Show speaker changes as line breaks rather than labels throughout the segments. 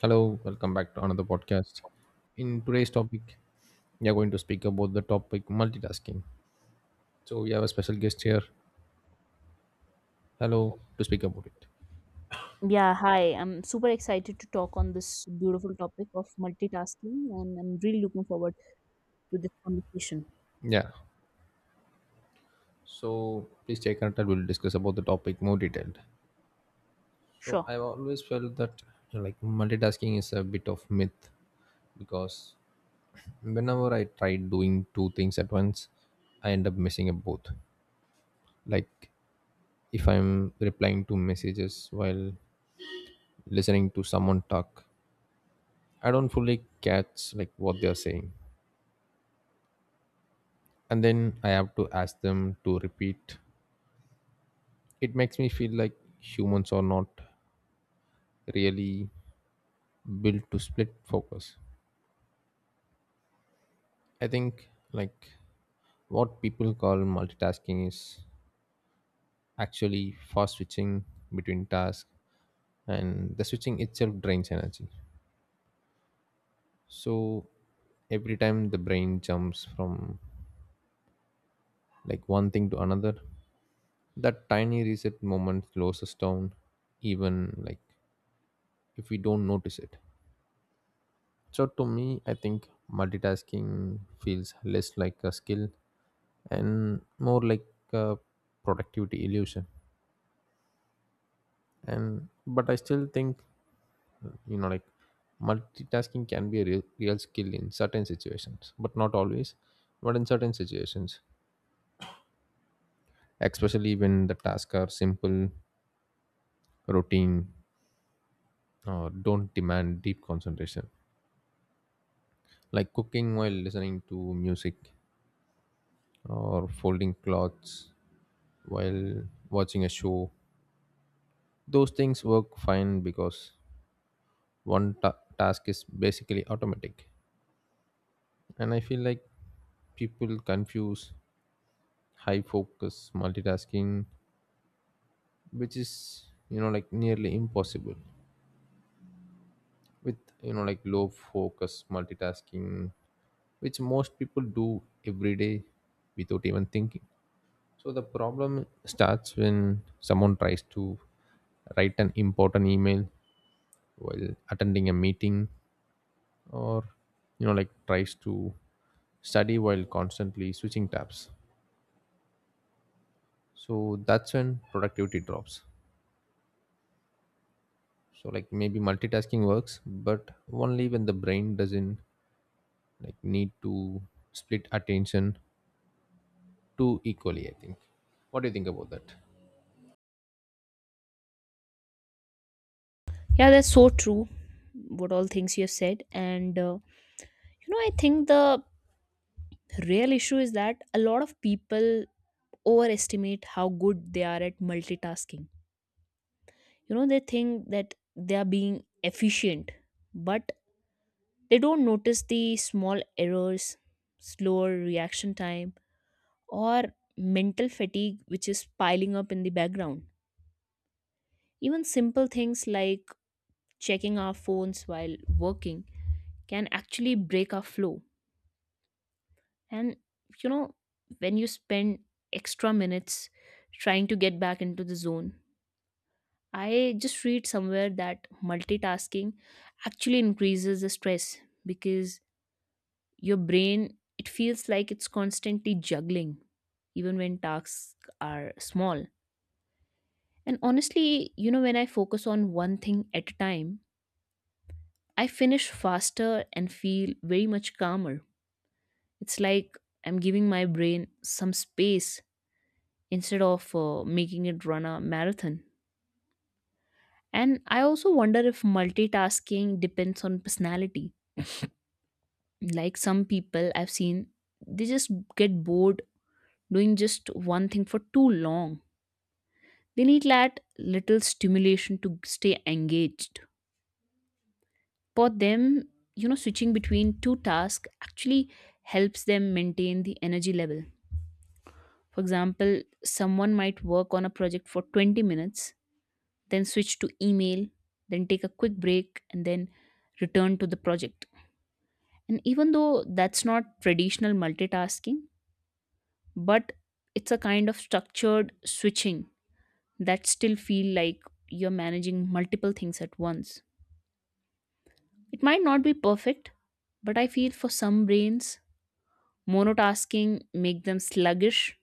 Hello, welcome back to another podcast. In today's topic, we are going to speak about the topic multitasking. So we have a special guest here. Hello to speak about it.
Yeah, hi. I'm super excited to talk on this beautiful topic of multitasking, and I'm really looking forward to this conversation.
Yeah. So please stay connected. We'll discuss about the topic more detailed. So
Sure.
I've always felt that multitasking is a bit of myth because whenever I try doing two things at once, I end up messing up both. Like if I'm replying to messages while listening to someone talk, I don't fully catch what they're saying. And then I have to ask them to repeat. It makes me feel like humans are not really built to split focus. I think what people call multitasking is actually fast switching between tasks, and the switching itself drains energy. So every time the brain jumps from one thing to another, that tiny reset moment slows us down even if we don't notice it. So, to me, I think multitasking feels less like a skill and more like a productivity illusion. And but I still think you know, like multitasking can be a real, real skill in certain situations, but not always, but in certain situations, especially when the tasks are simple, routine, or don't demand deep concentration, like cooking while listening to music or folding clothes while watching a show. Those things work fine because task is basically automatic. And I feel like people confuse high focus multitasking, which is, nearly impossible, with, low focus multitasking, which most people do every day without even thinking. So the problem starts when someone tries to write an important email while attending a meeting, or tries to study while constantly switching tabs. So that's when productivity drops. So maybe multitasking works, but only when the brain doesn't need to split attention too equally. I think, what do you think about that?
Yeah, that's so true. What all things you have said, and you know, I think the real issue is that a lot of people overestimate how good they are at multitasking. You know, they think that they are being efficient, but they don't notice the small errors, slower reaction time or mental fatigue which is piling up in the background. Even simple things like checking our phones while working can actually break our flow. And you know, when you spend extra minutes trying to get back into the zone, I just read somewhere that multitasking actually increases the stress because your brain it feels like it's constantly juggling even when tasks are small. And honestly, you know, when I focus on one thing at a time, I finish faster and feel very much calmer. It's like I'm giving my brain some space instead of making it run a marathon. And I also wonder if multitasking depends on personality. Like some people I've seen, they just get bored doing just one thing for too long. They need that little stimulation to stay engaged. For them, you know, switching between two tasks actually helps them maintain the energy level. For example, someone might work on a project for 20 minutes, then switch to email, then take a quick break, and then return to the project. And even though that's not traditional multitasking, but it's a kind of structured switching that still feel like you're managing multiple things at once. It might not be perfect, but I feel for some brains monotasking make them sluggish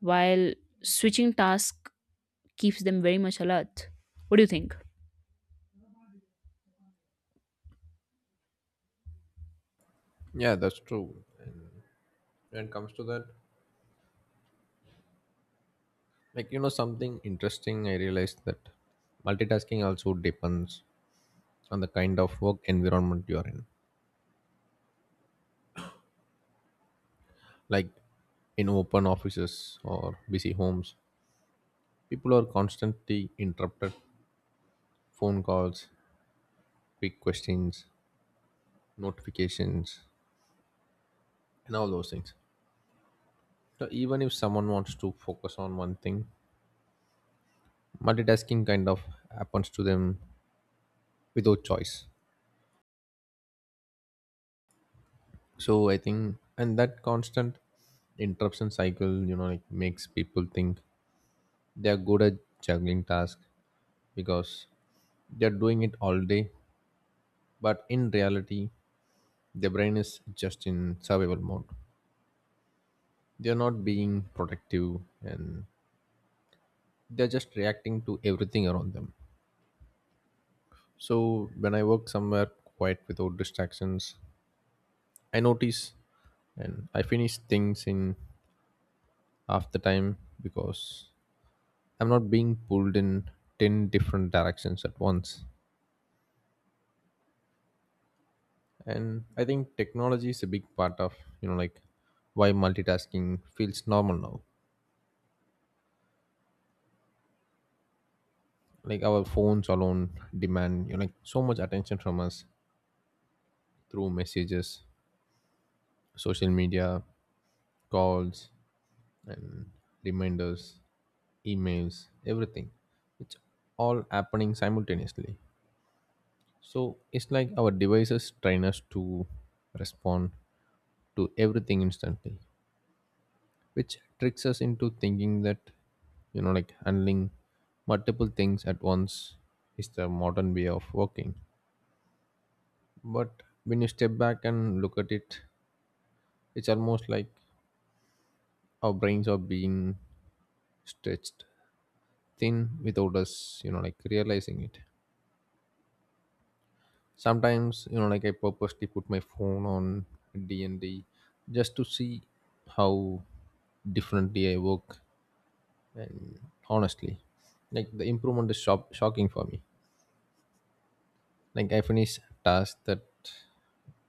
while switching task keeps them very much alert. What do you think?
Yeah, that's true. When it comes to that, something interesting I realized, that multitasking also depends on the kind of work environment you are in. Like in open offices or busy homes, people are constantly interrupted: phone calls, quick questions, notifications, and all those things. So even if someone wants to focus on one thing, multitasking kind of happens to them without choice. So I think, and that constant interruption cycle, makes people think they are good at juggling tasks because they're doing it all day. But in reality, their brain is just in survival mode. They're not being protective, and they're just reacting to everything around them. So when I work somewhere quiet without distractions, I notice, and I finish things in half the time because I'm not being pulled in 10 different directions at once. And I think technology is a big part of you know like why multitasking feels normal now. Like, our phones alone demand so much attention from us, through messages, social media, calls, and reminders, emails, everything. It's all happening simultaneously. So it's like our devices train us to respond to everything instantly, which tricks us into thinking that, handling multiple things at once is the modern way of working. But when you step back and look at it, it's almost like our brains are being stretched thin without us, realizing it. Sometimes, I purposely put my phone on D and D just to see how differently I work. And honestly, the improvement is shocking for me. Like, I finish tasks that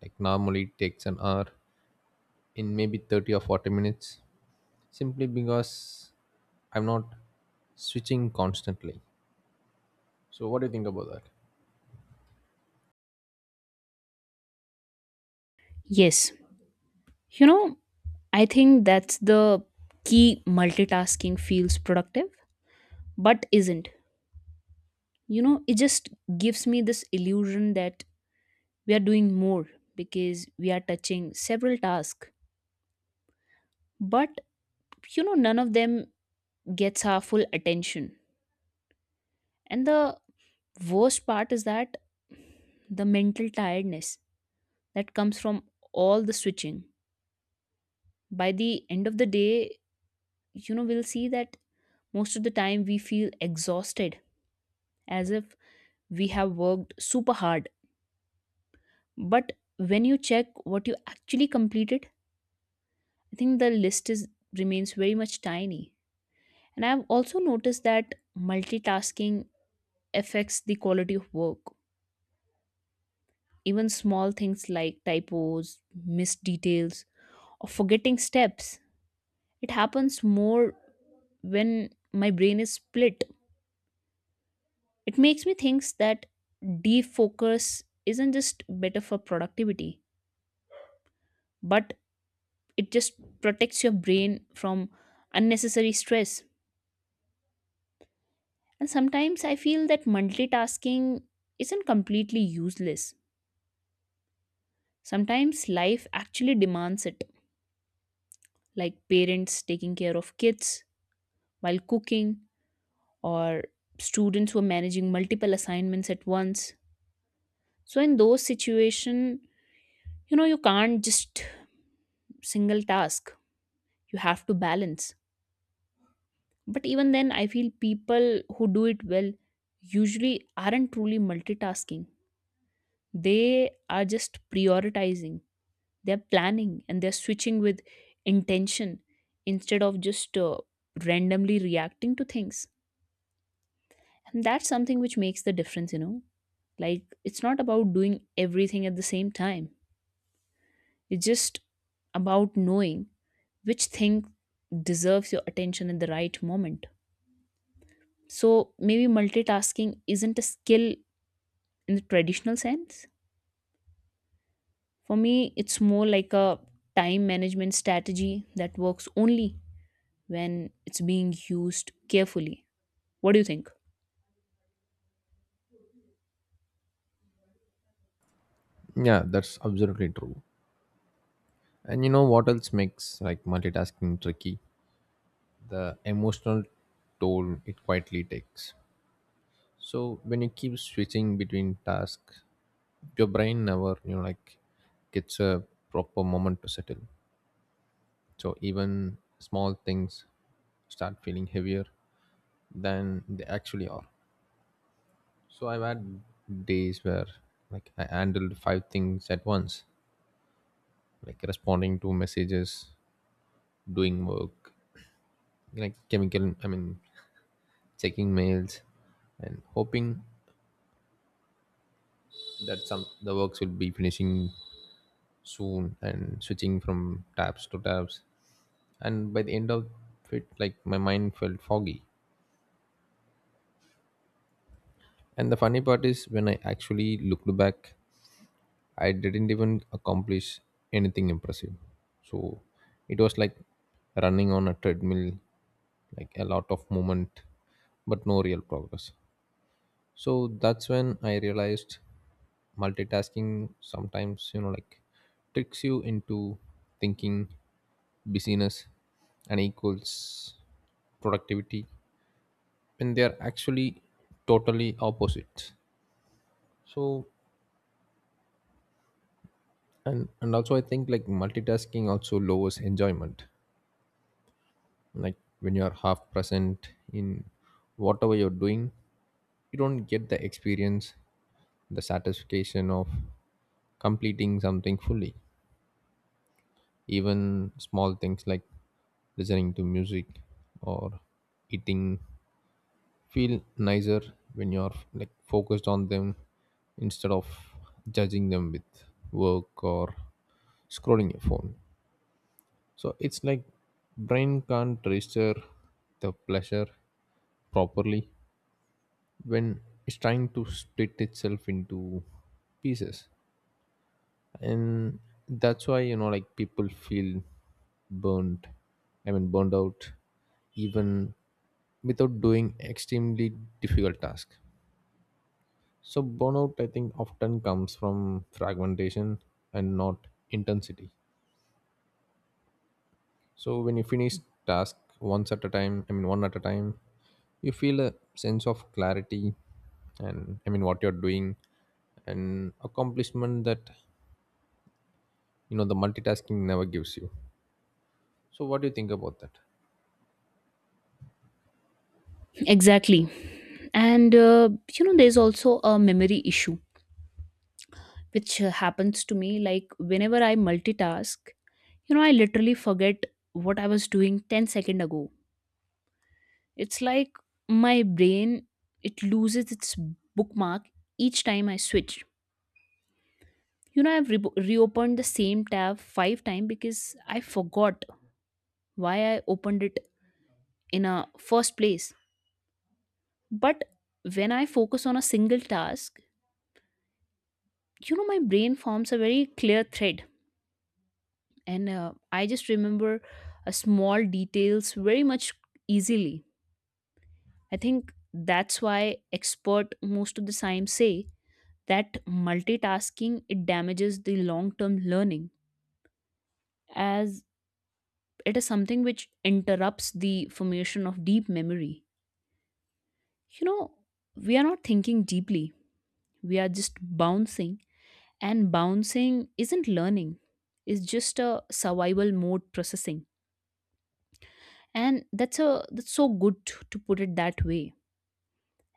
normally takes an hour in maybe 30 or 40 minutes simply because I'm not switching constantly. So what do you think about that?
Yes. You know, I think that's the key. Multitasking feels productive but isn't. You know, it just gives me this illusion that we are doing more because we are touching several tasks, but you know, none of them gets our full attention. And the worst part is that the mental tiredness that comes from all the switching. By the end of the day, you know, we'll see that most of the time we feel exhausted as if we have worked super hard. But when you check what you actually completed, I think the list is remains very much tiny. And I've also noticed that multitasking affects the quality of work. Even small things like typos, missed details, or forgetting steps. It happens more when my brain is split. It makes me think that defocus isn't just better for productivity, but it just protects your brain from unnecessary stress. And sometimes I feel that multitasking isn't completely useless. Sometimes life actually demands it, like parents taking care of kids while cooking, or students who are managing multiple assignments at once. So in those situations, you know, you can't just single task, you have to balance. But even then I feel people who do it well usually aren't truly multitasking. They are just prioritizing. They're planning and they're switching with intention instead of just randomly reacting to things. And that's something which makes the difference, you know, like it's not about doing everything at the same time. It's just about knowing which thing deserves your attention at the right moment. So maybe multitasking isn't a skill in the traditional sense. For me, it's more like a time management strategy that works only when it's being used carefully. What do you think?
Yeah, that's absolutely true. And you know what else makes multitasking tricky? The emotional toll it quietly takes. So when you keep switching between tasks, your brain never gets a proper moment to settle. So even small things start feeling heavier than they actually are. So I've had days where I handled 5 things at once, like responding to messages, doing work, like chemical I mean checking mails, and hoping that some the works will be finishing soon, and switching from tabs to tabs. And by the end of it, my mind felt foggy. And the funny part is, when I actually looked back, I didn't even accomplish anything impressive. So it was like running on a treadmill, like a lot of movement but no real progress. So that's when I realized multitasking sometimes tricks you into thinking busyness and equals productivity when they are actually totally opposites. So and and also I think multitasking also lowers enjoyment. Like, when you are half present in whatever you're doing, you don't get the experience, the satisfaction of completing something fully. Even small things like listening to music or eating feel nicer when you're focused on them instead of judging them with work or scrolling your phone. So it's like brain can't register the pleasure properly when it's trying to split itself into pieces. And that's why people feel burnt I mean burned out, even without doing extremely difficult task. So burnout, I think, often comes from fragmentation and not intensity. So when you finish task once at a time I mean one at a time, you feel a sense of clarity and, I mean, what you're doing, and accomplishment that the multitasking never gives you. So what do you think about that?
Exactly. And you know, there's also a memory issue, which happens to me like whenever I multitask, you know, I literally forget what I was doing 10 seconds ago. It's like my brain, it loses its bookmark each time I switch. You know, I've reopened the same tab five times because I forgot why I opened it in a first place. But when I focus on a single task, you know, my brain forms a very clear thread, and I just remember a small details very much easily. I think that's why expert most of the time say that multitasking it damages the long-term learning, as it is something which interrupts the formation of deep memory. You know, we are not thinking deeply. We are just bouncing. And bouncing isn't learning. It's just a survival mode processing. And that's a that's so good to put it that way.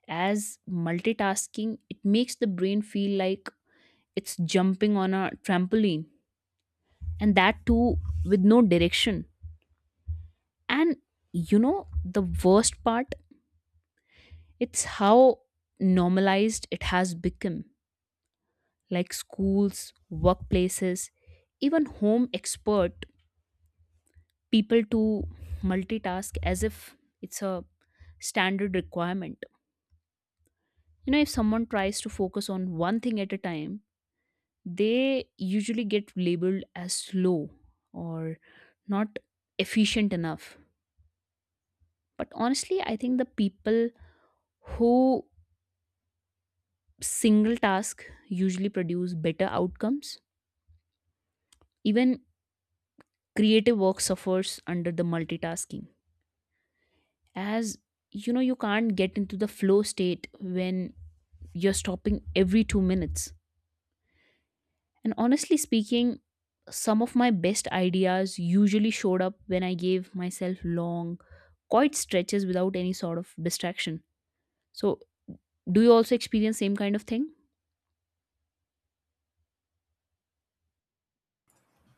As multitasking, it makes the brain feel like it's jumping on a trampoline. And that too with no direction. And you know, the worst part, it's how normalized it has become, like schools, workplaces, even home expert people to multitask as if it's a standard requirement. You know, if someone tries to focus on one thing at a time, they usually get labeled as slow or not efficient enough. But honestly, I think the people who single task usually produce better outcomes. Even creative work suffers under the multitasking, as you know you can't get into the flow state when you're stopping every 2 minutes. And honestly speaking, some of my best ideas usually showed up when I gave myself long quiet stretches without any sort of distraction. So do you also experience same kind of thing?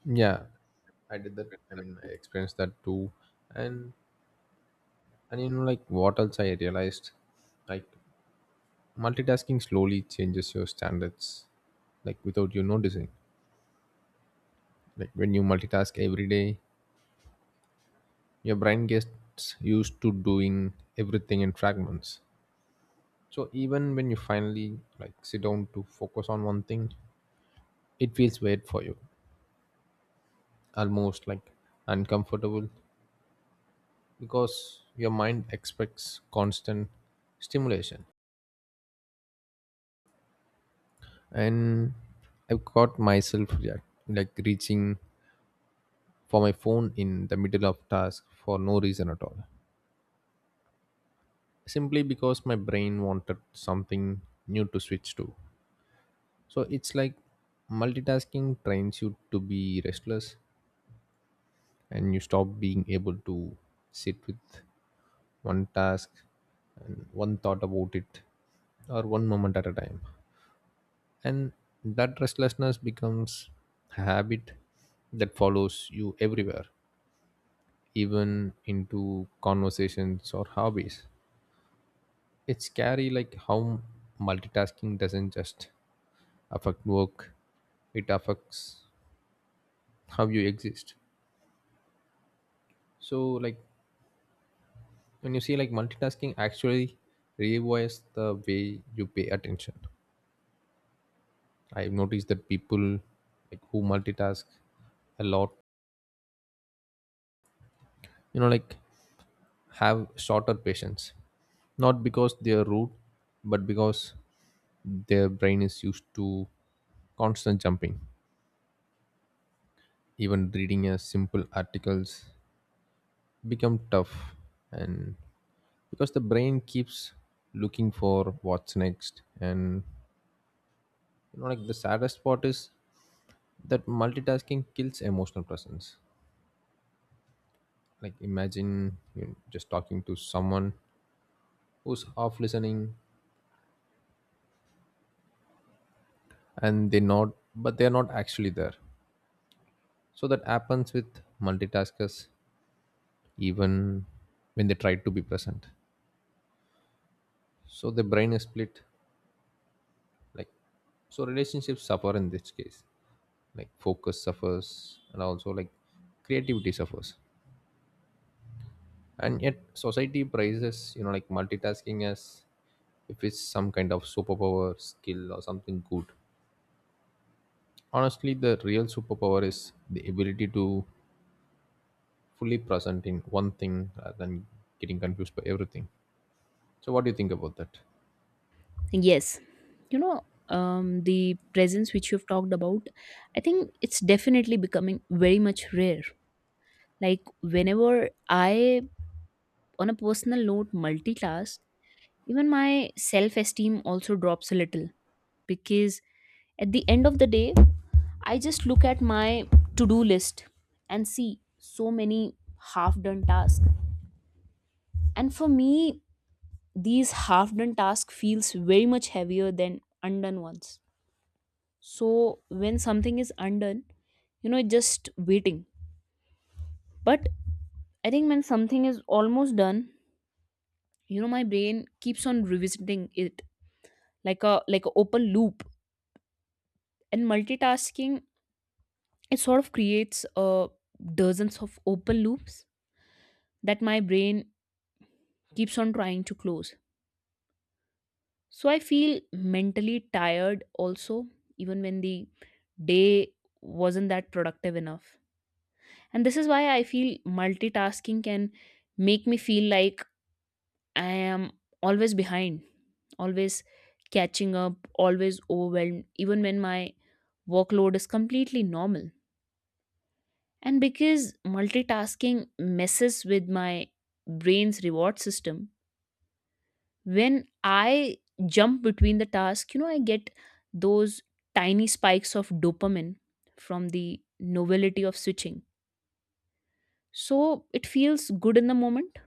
Yeah, I did that. I mean, I experienced that too. And and what else I realized, like multitasking slowly changes your standards, like without you noticing. Like, when you multitask every day, your brain gets used to doing everything in fragments. So even when you finally sit down to focus on one thing, it feels weird for you, almost like uncomfortable, because your mind expects constant stimulation. And I've caught myself react, like reaching for my phone in the middle of task for no reason at all, simply because my brain wanted something new to switch to. So it's like multitasking trains you to be restless, and you stop being able to sit with one task and one thought about it, or one moment at a time. And that restlessness becomes a habit that follows you everywhere, even into conversations or hobbies. It's scary how multitasking doesn't just affect work, it affects how you exist. So when you see multitasking actually rewires the way you pay attention. I've noticed that people who multitask a lot, you know, like have shorter patience, not because they are rude, but because their brain is used to constant jumping. Even reading a simple articles become tough, and because the brain keeps looking for what's next. And the saddest part is that multitasking kills emotional presence. Like, imagine you just talking to someone who's half listening, and they're not actually there. So that happens with multitaskers even when they try to be present. So the brain is split. Like so relationships suffer in this case. Like, focus suffers, and also creativity suffers. And yet society praises, multitasking as if it's some kind of superpower, skill, or something good. Honestly, the real superpower is the ability to fully present in one thing rather than getting confused by everything. So what do you think about that?
Yes. You know, the presence which you've talked about, I think it's definitely becoming very much rare. Like whenever I, on a personal note, multitask, even my self esteem also drops a little, because at the end of the day, I just look at my to do list and see so many half done tasks. And for me, these half done tasks feels very much heavier than undone ones. So when something is undone, you know, it's just waiting. But I think when something is almost done, you know, my brain keeps on revisiting it like a open loop. And multitasking, it sort of creates dozens of open loops that my brain keeps on trying to close. So I feel mentally tired also, even when the day wasn't that productive enough. And this is why I feel multitasking can make me feel like I am always behind, always catching up, always overwhelmed, even when my workload is completely normal. And because multitasking messes with my brain's reward system, when I jump between the tasks, you know, I get those tiny spikes of dopamine from the novelty of switching. So it feels good in the moment,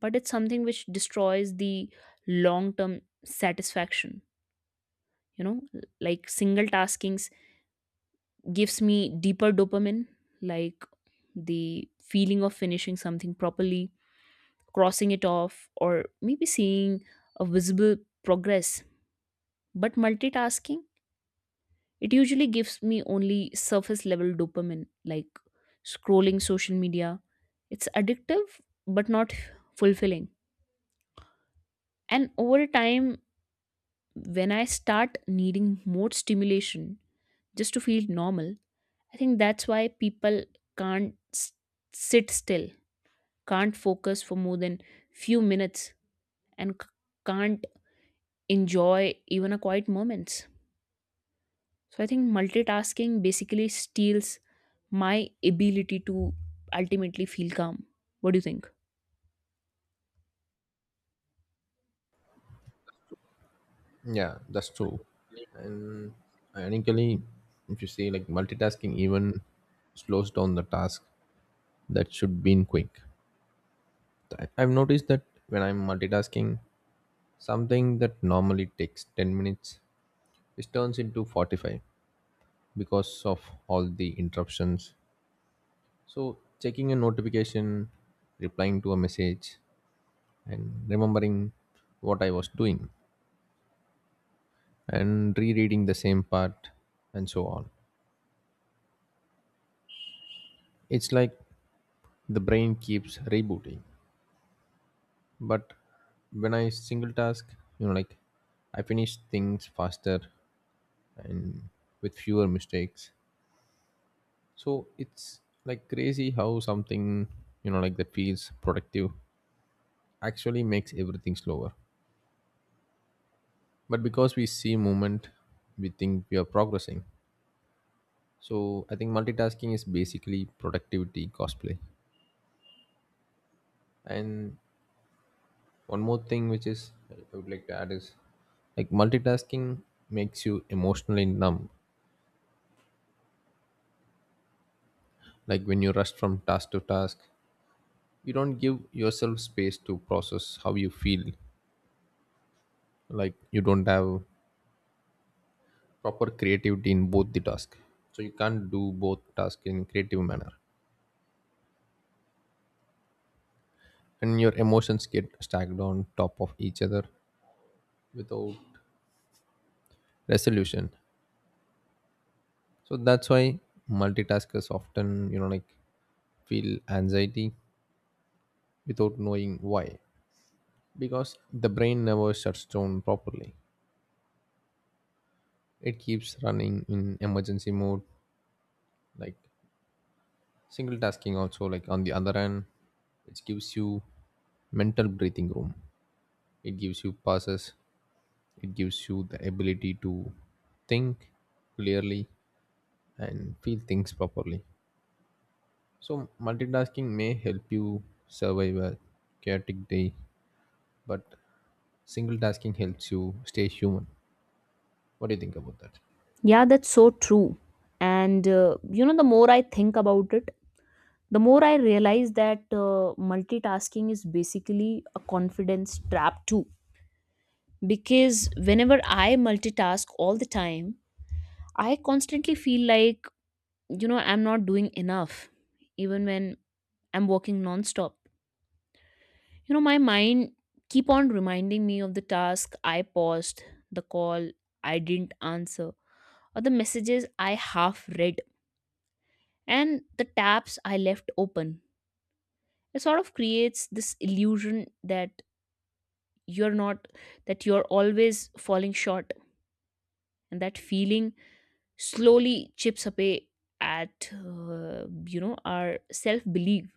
but it's something which destroys the long term satisfaction. You know, like single taskings gives me deeper dopamine, like the feeling of finishing something properly, crossing it off, or maybe seeing a visible progress. But multitasking, it usually gives me only surface level dopamine, like scrolling social media. It's addictive, but not fulfilling. And over time, when I start needing more stimulation just to feel normal, I think that's why people can't s- sit still, can't focus for more than few minutes, and can't enjoy even a quiet moments. So I think multitasking basically steals my ability to ultimately feel calm. What do you think?
Yeah, that's true. And ironically, if you see multitasking even slows down the task that should be in quick. I've noticed that when I'm multitasking, something that normally takes 10 minutes, it turns into 45 because of all the interruptions. So checking a notification, replying to a message, and remembering what I was doing, and rereading the same part, and so on. It's like the brain keeps rebooting. But when I single task, you know, like I finish things faster and with fewer mistakes. So it's like crazy how something, that feels productive actually makes everything slower. But because we see movement, we think we are progressing. So I think multitasking is basically productivity cosplay. And one more thing which is I would like to add is multitasking makes you emotionally numb. Like, when you rush from task to task, you don't give yourself space to process how you feel. Like, you don't have proper creativity in both the task, so you can't do both tasks in creative manner, and your emotions get stacked on top of each other without resolution. So that's why multitaskers often feel anxiety without knowing why, because the brain never shuts down properly. It keeps running in emergency mode. Like, single tasking also, on the other hand, it gives you mental breathing room, it gives you pauses, it gives you the ability to think clearly and feel things properly. So multitasking may help you survive a chaotic day, but single tasking helps you stay human. What do you think about that?
Yeah, that's so true. And you know, the more I think about it, the more I realize that multitasking is basically a confidence trap too. Because whenever I multitask all the time, I constantly feel like, you know, I'm not doing enough, even when I'm working nonstop. You know, my mind keep on reminding me of the task I paused, the call I didn't answer, or the messages I half read, and the tabs I left open. It sort of creates this illusion that you're not that you're always falling short, and that feeling slowly chips away at you know our self belief.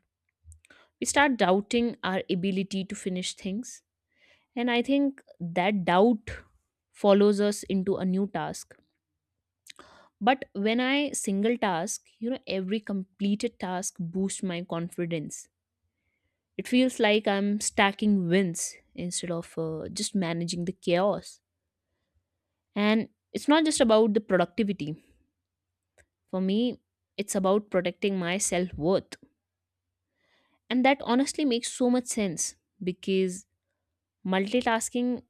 We start doubting our ability to finish things. And I think that doubt follows us into a new task. But when I single task, you know, every completed task boosts my confidence. It feels like I'm stacking wins instead of just managing the chaos. And it's not just about the productivity. For me, it's about protecting my self worth. And that honestly makes so much sense because multitasking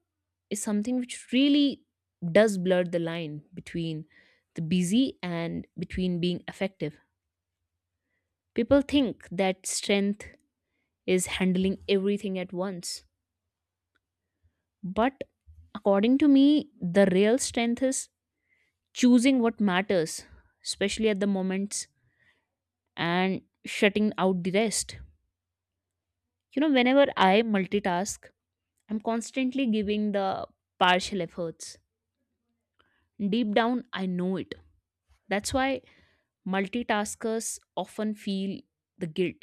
is something which really does blur the line between the busy and between being effective. People think that strength is handling everything at once. But according to me, the real strength is choosing what matters, especially at the moments, and shutting out the rest. You know, whenever I multitask, I'm constantly giving the partial efforts. Deep down, I know it. That's why multitaskers often feel the guilt,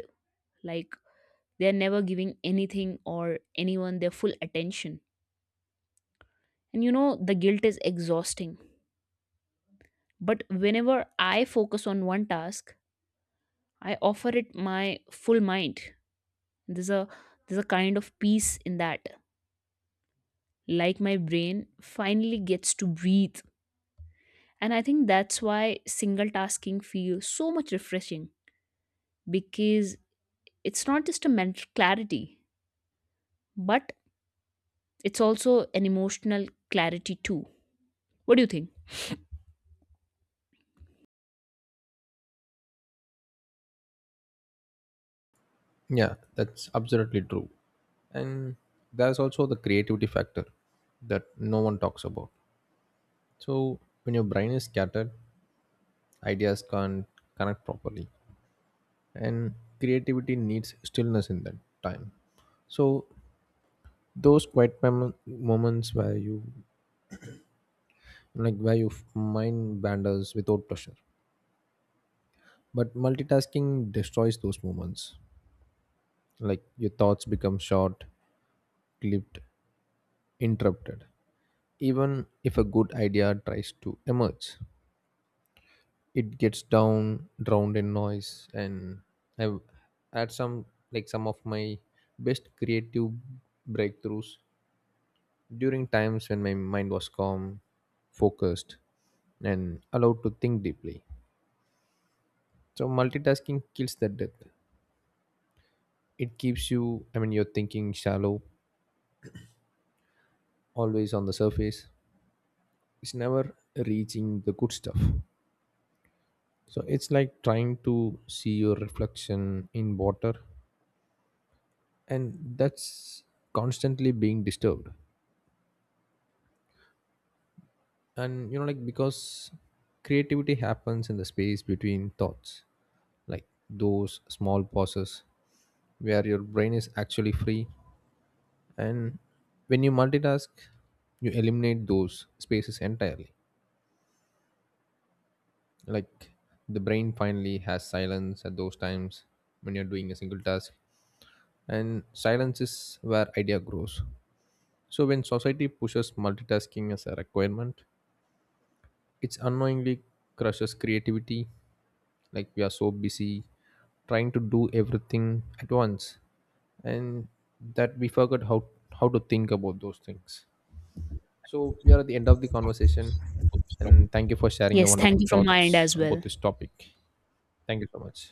like they're never giving anything or anyone their full attention. And you know, the guilt is exhausting. But whenever I focus on one task, I offer it my full mind. There's a there's a kind of peace in that. Like my brain finally gets to breathe. And I think that's why single tasking feels so much refreshing, because it's not just a mental clarity, but it's also an emotional clarity too. What do you think?
Yeah, that's absolutely true. And there's also the creativity factor that no one talks about. So, when your brain is scattered, ideas can't connect properly. And creativity needs stillness in that time. So, those moments where you where your mind wanders without pressure. But multitasking destroys those moments. Like, your thoughts become short, clipped, interrupted. Even if a good idea tries to emerge, it gets down drowned in noise. And I've had some like some of my best creative breakthroughs during times when my mind was calm, focused, and allowed to think deeply. So multitasking kills the depth. It keeps you, you're thinking shallow, always on the surface. It's never reaching the good stuff. So it's like trying to see your reflection in water, and that's constantly being disturbed. And because creativity happens in the space between thoughts, like those small pauses where your brain is actually free. And when you multitask, you eliminate those spaces entirely. Like, the brain finally has silence at those times when you're doing a single task, and silence is where idea grows. So when society pushes multitasking as a requirement, it unknowingly crushes creativity. Like, we are so busy trying to do everything at once, and that we forgot how to think about those things. So we are at the end of the conversation, and thank you for sharing your
Yes, thank
wonderful
you from my end
thoughts
as
about
well.
this topic. Thank you so much.